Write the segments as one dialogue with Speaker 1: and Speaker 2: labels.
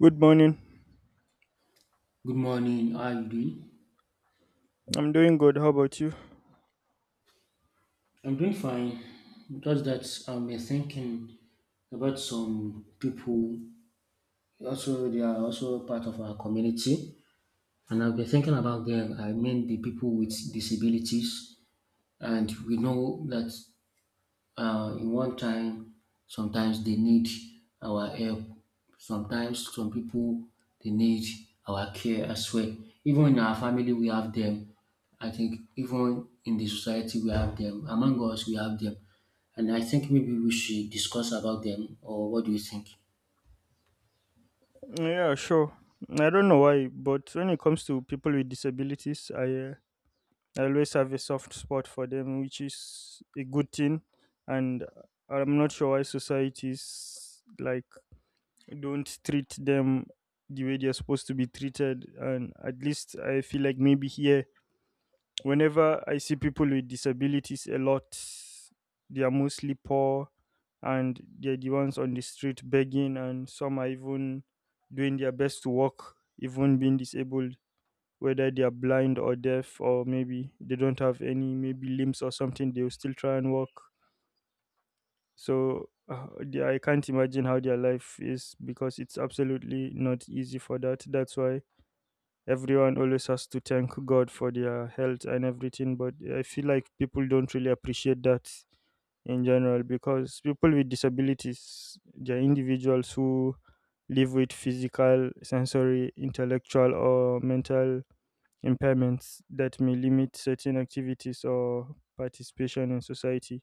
Speaker 1: Good morning.
Speaker 2: Good morning. How are you doing?
Speaker 1: I'm doing good. How about you?
Speaker 2: I'm doing fine. Just that I'm thinking about some people. Also, they are also part of our community, and I've been thinking about them. I mean, the people with disabilities, and we know that in one time sometimes they need our help sometimes some people they need our care as well even in our family we have them. I think even in the society we have them among us, we have them. And I think maybe we should discuss about them, or what do you think?
Speaker 1: Yeah, sure. I don't know why, but when it comes to people with disabilities, I I always have a soft spot for them, which is a good thing. And I'm not sure why societies like don't treat them the way they're supposed to be treated. And at least I feel like maybe here whenever I see people with disabilities a lot, they are mostly poor and they're the ones on the street begging, and some are even doing their best to walk, even being disabled, whether they are blind or deaf, or maybe they don't have any maybe limbs or something, they will still try and walk. So I can't imagine how their life is because it's absolutely not easy for that. That's why everyone always has to thank God for their health and everything, but I feel like people don't really appreciate that in general because people with disabilities, they're individuals who live with physical, sensory, intellectual, or mental impairments that may limit certain activities or participation in society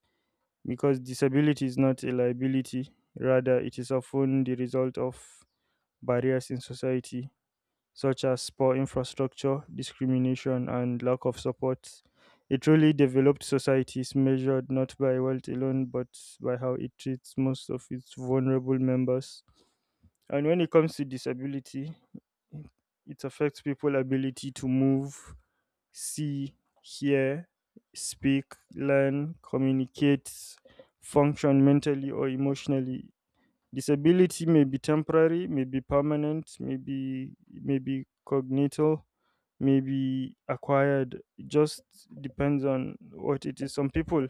Speaker 1: because disability is not a liability, rather, it is often the result of barriers in society such as poor infrastructure, discrimination, and lack of support. A truly developed society is measured not by wealth alone, but by how it treats most of its vulnerable members. And when it comes to disability, it affects people's ability to move, see, hear, speak, learn, communicate, function mentally or emotionally. Disability may be temporary, may be permanent, may be cognital, may be acquired. It just depends on what it is. Some people,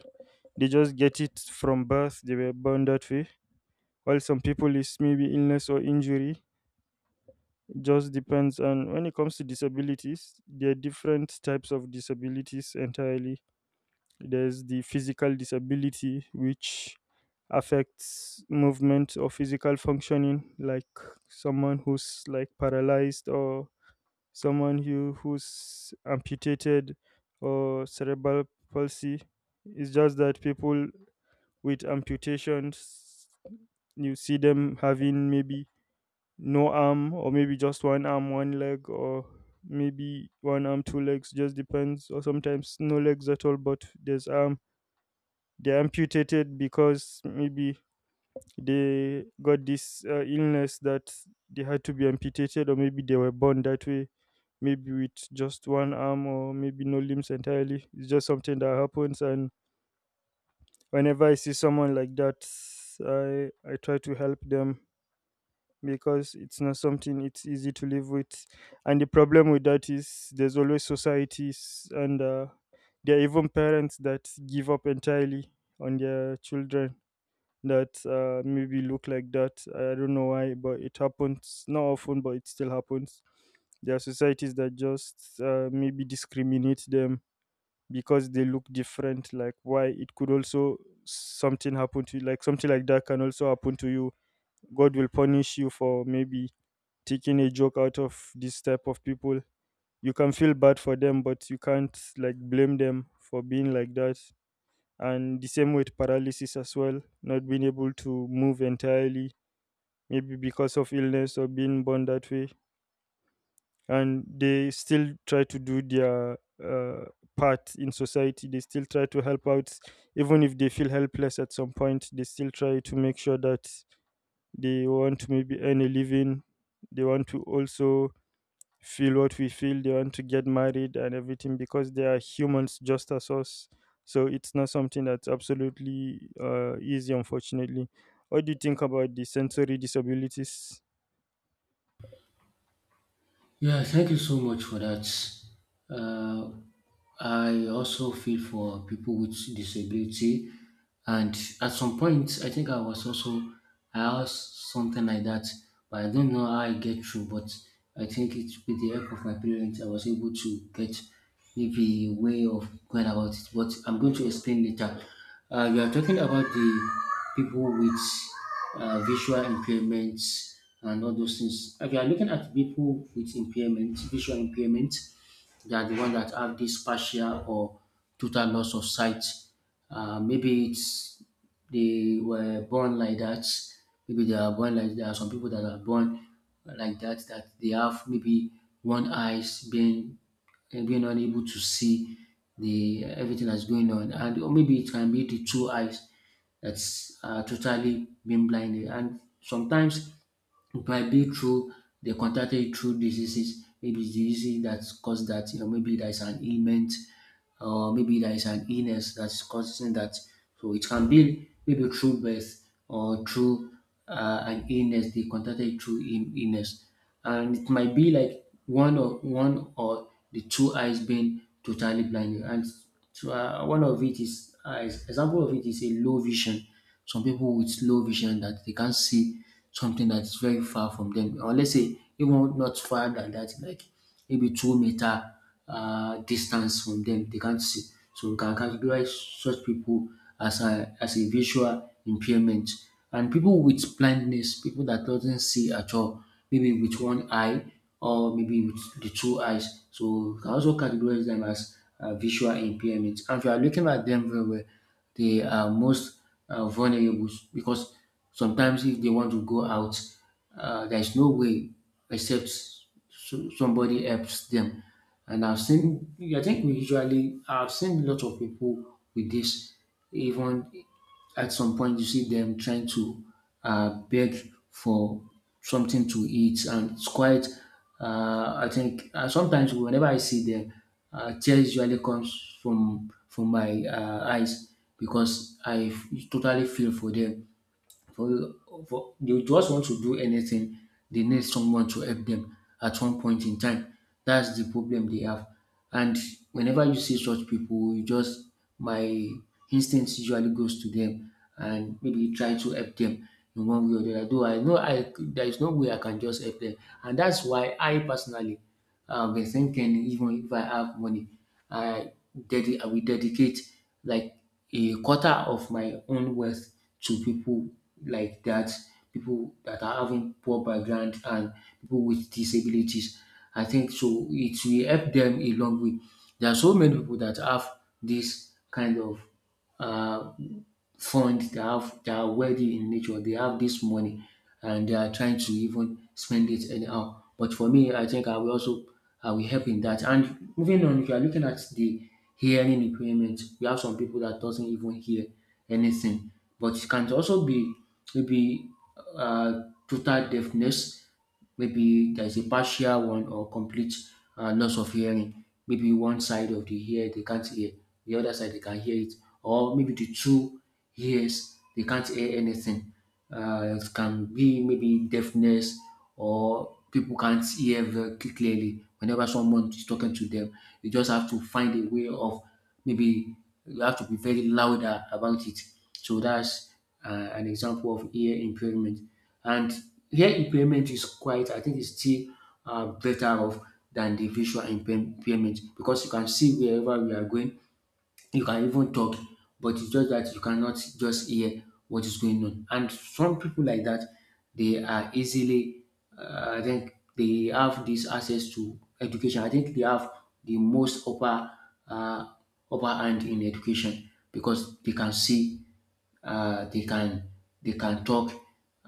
Speaker 1: they just get it from birth, they were born that way. While some people, is maybe illness or injury. It just depends on when it comes to disabilities, there are different types of disabilities entirely. There's the physical disability which affects movement or physical functioning like someone who's like paralyzed or someone who's amputated or cerebral palsy. It's just that people with amputations, you see them having maybe no arm, or maybe just one arm one leg, or maybe one arm two legs, just depends, or sometimes no legs at all but there's arm. They're amputated because maybe they got this illness that they had to be amputated, or maybe they were born that way, maybe with just one arm or maybe no limbs entirely. It's just something that happens. And whenever I see someone like that, I try to help them because it's not something it's easy to live with. And the problem with that is there's always societies, and there are even parents that give up entirely on their children that maybe look like that. I don't know why, but it happens. Not often, but it still happens. There are societies that just maybe discriminate them because they look different. Like why, it could also something happen to you, like something like that can also happen to you. God will punish you for maybe taking a joke out of this type of people. You can feel bad for them, but you can't like blame them for being like that. And the same with paralysis as well, not being able to move entirely, maybe because of illness or being born that way. And they still try to do their uh, part in society, they still try to help out even if they feel helpless at some point. They still try to make sure that they want to maybe earn a living, they want to also feel what we feel, they want to get married and everything because they are humans just as us. So it's not something that's absolutely easy, unfortunately. What do you think about the sensory disabilities?
Speaker 2: Yeah, thank you so much for that. Uh, I also feel for people with disability, and at some point, I think I was also I asked something like that, but I don't know how I get through. But I think it with the help of my parents, I was able to get maybe a way of going about it. But I'm going to explain later. We are talking about the people with visual impairments and all those things. If you are looking at people with impairment, visual impairment, they are the ones that have this partial or total loss of sight. Maybe it's they were born like that. Maybe they are born like there are some people that are born like that that they have maybe one eyes being and being unable to see the everything that's going on, and or maybe it can be the two eyes that's totally being blinded, and sometimes by being through they contacted you through diseases. Maybe it's diseases that's caused that, you know, maybe there is an ailment or maybe there is an illness that's causing that. So it can be maybe through birth or through an illness. They contacted you through illness, and it might be like one or the two eyes being totally blind. And so one of it is example of it is a low vision some people with low vision that they can't see something that is very far from them or let's say even not far than that like maybe 2 meter distance from them. They can't see. So we can categorize such people as as a visual impairment. And people with blindness, people that doesn't see at all, maybe with one eye or maybe with the two eyes. So we can also categorize them as visual impairment. And if you are looking at them very well, they are most vulnerable because sometimes if they want to go out, there is no way except so somebody helps them. And I've seen, I think we usually, I've seen a lot of people with this. Even at some point, you see them trying to beg for something to eat, and it's quite. I think sometimes whenever I see them, tears usually comes from my eyes because I totally feel for them for, for they just want to do anything, they need someone to help them at one point in time. That's the problem they have. And whenever you see such people, you just my instinct usually goes to them and maybe try to help them in one way or the other. Though I know I there is no way I can just help them, and that's why I personally I've been thinking even if I have money, I will dedicate like a quarter of my own wealth to people like that, people that are having poor background and people with disabilities. I think so it will help them a long way. There are so many people that have this kind of uh, fund, they have they are wealthy in nature, they have this money and they are trying to even spend it anyhow. But for me, I think I will also I will help in that. And moving on, if you are looking at the hearing impairment, we have some people that doesn't even hear anything, but it can also be maybe uh, total deafness. Maybe there's a partial one or complete loss of hearing. Maybe one side of the ear they can't hear, the other side they can hear it, or maybe the two ears they can't hear anything. It can be maybe deafness or people can't hear very clearly whenever someone is talking to them. You just have to find a way of maybe you have to be very louder about it. So that's an example of ear impairment. And here impairment is quite, I think it's still better off than the impairment because you can see wherever we are going, you can even talk, but it's just that you cannot just hear what is going on. And some people like that, they are easily, I think they have this access to education. I think they have the most upper, uh, upper hand in education because they can see uh, they can they can talk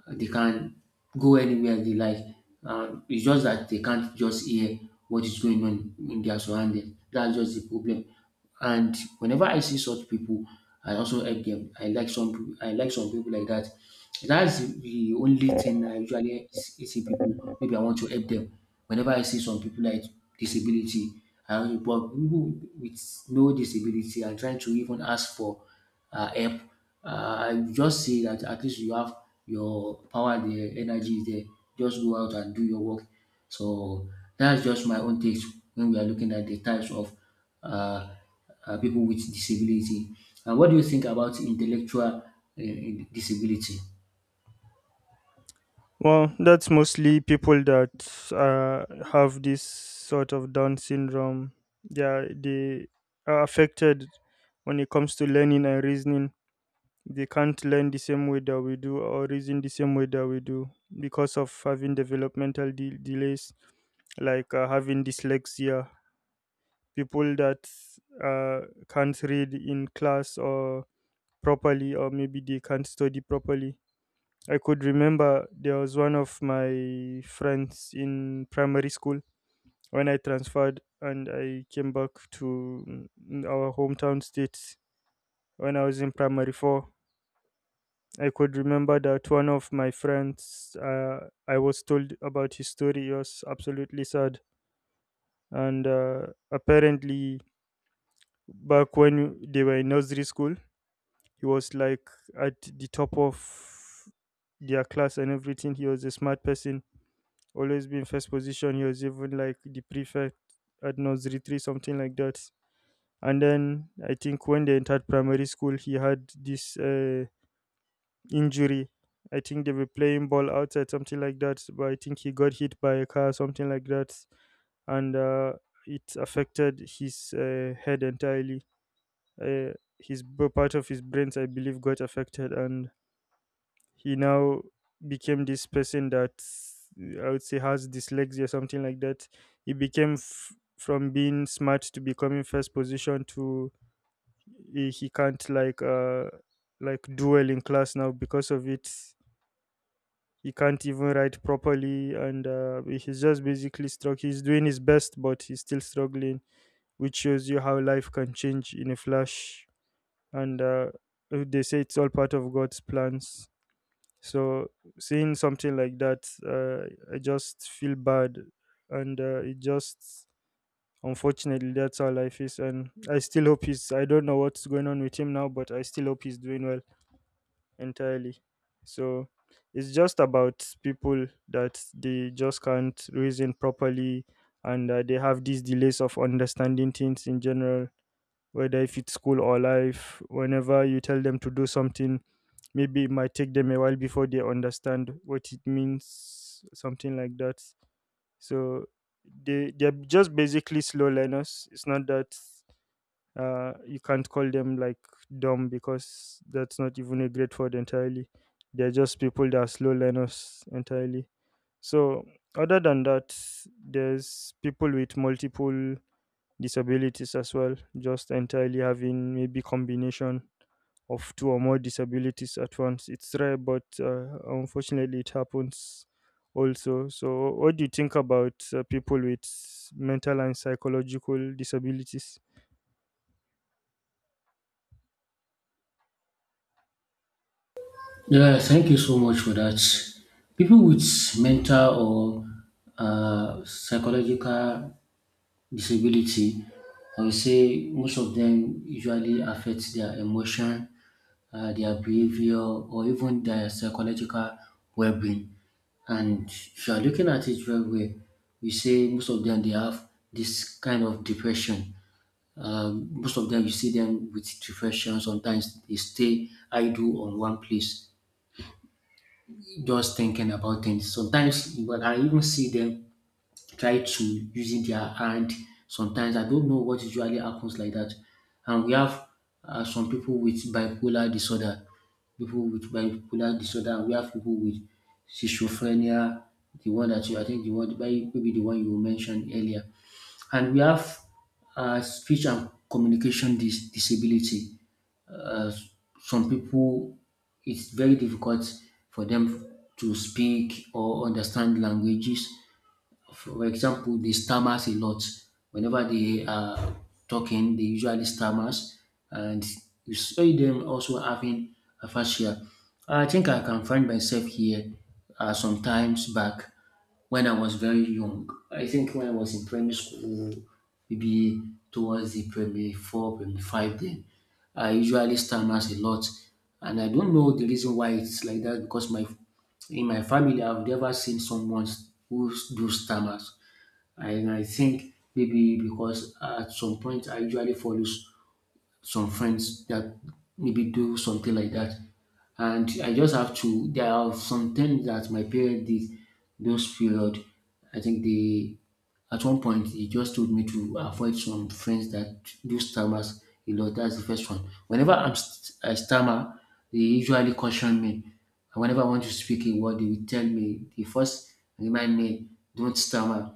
Speaker 2: they can go anywhere they like. It's just that they can't just hear what is going on in their surroundings. That's just the problem. And whenever I see such people, I also help them. I like some people like that. That's the only thing I usually see people maybe I want to help them. Whenever I see some people like disability, I want to, but people with no disability I'm trying to even ask for help. You just say that at least you have your power there, energy is there. Just go out and do your work. So that's just my own take when we are looking at the types of uh, people with disability. And what do you think about intellectual disability?
Speaker 1: Well, that's mostly people that uh, have this sort of Down syndrome. Yeah, they are affected when it comes to learning and reasoning. They can't learn the same way that we do or reason the same way that we do because of having delays, like having dyslexia, people that can't read in class or properly, or maybe they can't study properly. I could remember there was one of my friends in primary school when I transferred and I came back to our hometown state when I was in primary four. I could remember that one of my friends, I was told about his story. It was absolutely sad. And apparently, back when they were in nursery school, he was like at the top of their class and everything. He was a smart person, always been first position. He was even like the prefect at nursery three, something like that. And then I think when they entered primary school, he had this. Injury. I think they were playing ball outside, something like that. But I think he got hit by a car, something like that, and it affected his head entirely. Uh, Part of his brains, I believe, got affected, and he now became this person that I would say has dyslexia, something like that. He became from being smart to becoming first position to he can't like duel in class now because of it. He can't even write properly, and he's just basically struck, he's doing his best but he's still struggling, which shows you how life can change in a flash. And they say it's all part of God's plans. So, seeing something like that, I just feel bad. And it just, unfortunately, that's how life is. And I still hope he's, I don't know what's going on with him now, but I still hope he's doing well entirely. So it's just about people that they just can't reason properly, and they have these delays of understanding things in general, whether if it's school or life. Whenever you tell them to do something, maybe it might take them a while before they understand what it means, something like that. So they're just basically slow learners. It's not that you can't call them like dumb because that's not even a great word entirely. They're just people that are slow learners entirely. So, other than that, there's people with multiple disabilities as well, just entirely having maybe combination of two or more disabilities at once. It's rare, but unfortunately, it happens also. So, what do you think about people with mental and psychological disabilities?
Speaker 2: Yeah, thank you so much for that. People with mental or psychological disability, I would say most of them usually affect their emotion, their behavior, or even their psychological well-being. And if you are looking at it very well, we say most of them they have this kind of depression. Most of them you see them with depression. Sometimes they stay idle on one place, just thinking about things. Sometimes, but I even see them try to using their hand. Sometimes I don't know what usually happens like that. And we have some people with bipolar disorder, and we have people with schizophrenia, the one that you, I think, the one maybe the one you mentioned earlier. And we have speech and communication disability. Uh, some people, it's very difficult for them to speak or understand languages. For example, they stammers a lot. Whenever they are talking, they usually stammers, and you see them also having aphasia. I think I can find myself here sometimes back when I was very young. I think when I was in primary school, maybe towards the primary four, primary five, then I usually stammers a lot, and I don't know the reason why it's like that because my in my family, I've never seen someone who do stammers, and I think maybe because at some point I usually follow some friends that maybe do something like that. And I just have to, there are some things that my parents did those period. I think they, at one point, he just told me to avoid some friends that do stammers a lot. That's the first one. Whenever I stammer, they usually caution me. And whenever I want to speak a word, they will tell me, they first remind me, don't stammer.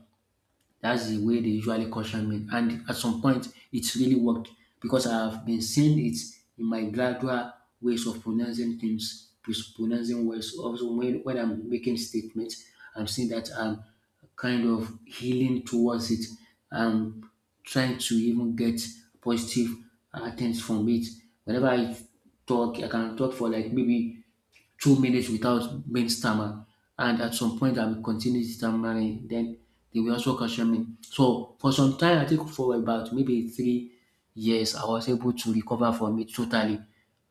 Speaker 2: That's the way they usually caution me. And at some point, it's really worked because I've been seeing it in my gradual ways of pronouncing things, pronouncing words. Also, when I'm making statements, I'm seeing that I'm kind of healing towards it. I'm trying to even get positive things from it. Whenever I talk, I can talk for like maybe 2 minutes without being stammer. And at some point, I will continue stammering. Then they will also caution me. So for some time, I think for about maybe 3 years, I was able to recover from it totally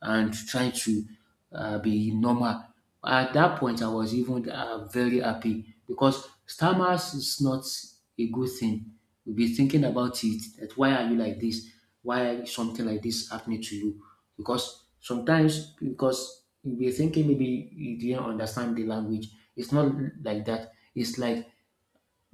Speaker 2: and try to be normal. At that point, I was even very happy because stammers is not a good thing. You'll be thinking about it that why are you like this? Why is something like this happening to you? Because sometimes, because you'll be thinking maybe you didn't understand the language. It's not like that. It's like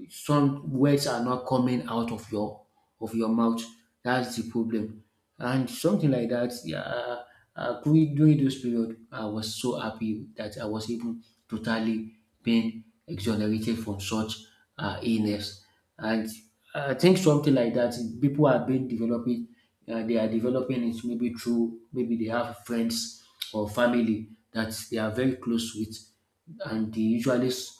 Speaker 2: some words are not coming out of your mouth. That's the problem. And something like that, yeah, during those period, I was so happy that I was even totally being exonerated from such illness. And I think something like that, people have been developing, they are developing it maybe through, maybe they have friends or family that they are very close with, and they usually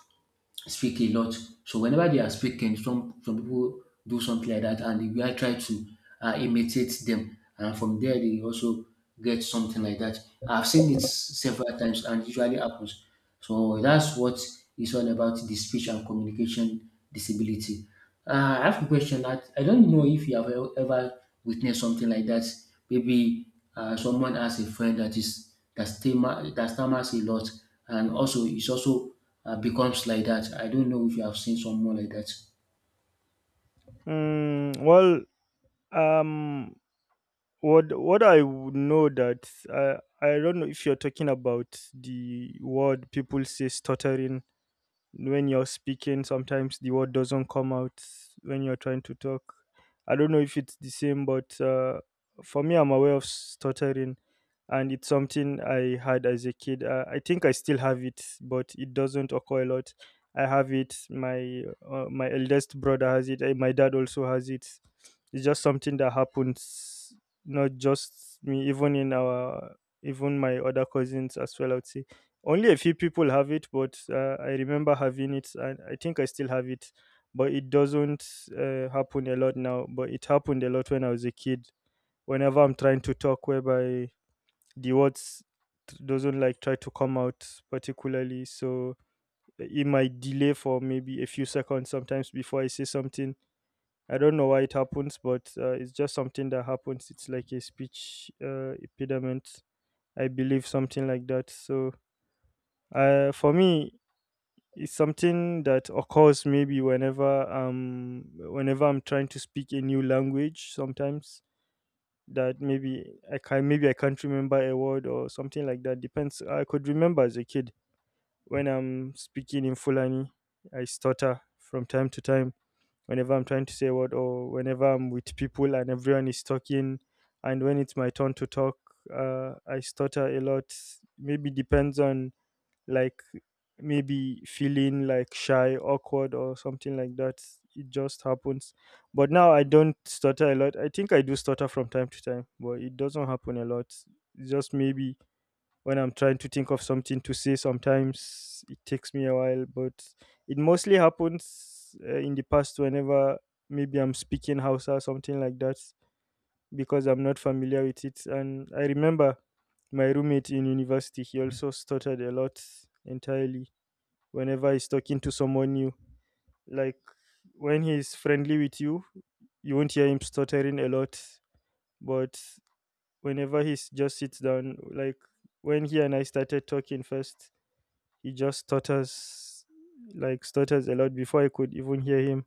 Speaker 2: speak a lot. So whenever they are speaking, some people do something like that, and the guy try to imitate them, and from there they also get something like that. I've seen it several times, and it usually happens. So that's what it's all about: the speech and communication disability. I have a question that I don't know if you have ever witnessed something like that. Maybe someone has a friend that is that stammers a lot, and also is also becomes like that. I don't know if you have seen someone like that.
Speaker 1: Mm, well, um, what what I would know that I don't know if you're talking about the word people say stuttering, when you're speaking sometimes the word doesn't come out when you're trying to talk. I don't know if it's the same, but for me, I'm aware of stuttering, and it's something I had as a kid. I think I still have it, but it doesn't occur a lot. I have it, my my eldest brother has it, and my dad also has it. It's just something that happens, not just me. Even in our even my other cousins as well, I would say only a few people have it, but I remember having it, and I think I still have it. But it doesn't happen a lot now. But it happened a lot when I was a kid. Whenever I'm trying to talk, whereby the doesn't like try to come out particularly, so it might delay for maybe a few seconds sometimes before I say something. I don't know why it happens, but it's just something that happens. It's like a speech impediment, I believe, something like that. So for me, it's something that occurs maybe whenever I'm trying to speak a new language sometimes, that maybe I can, maybe I can't remember a word or something like that. Depends. I could remember as a kid when I'm speaking in Fulani, I stutter from time to time whenever I'm trying to say a word, or whenever I'm with people and everyone is talking and when it's my turn to talk, I stutter a lot. Maybe depends on like maybe feeling like shy, awkward, or something like that. It just happens. But now I don't stutter a lot. I think I do stutter from time to time, but it doesn't happen a lot. It's just maybe when I'm trying to think of something to say, sometimes it takes me a while, but it mostly happens in the past whenever maybe I'm speaking Hausa or something like that because I'm not familiar with it. And I remember my roommate in university, he also stuttered a lot entirely whenever he's talking to someone new. Like when he's friendly with you, you won't hear him stuttering a lot. But whenever he just sits down, like when he and I started talking first, he just stutters, like stutters a lot before I could even hear him.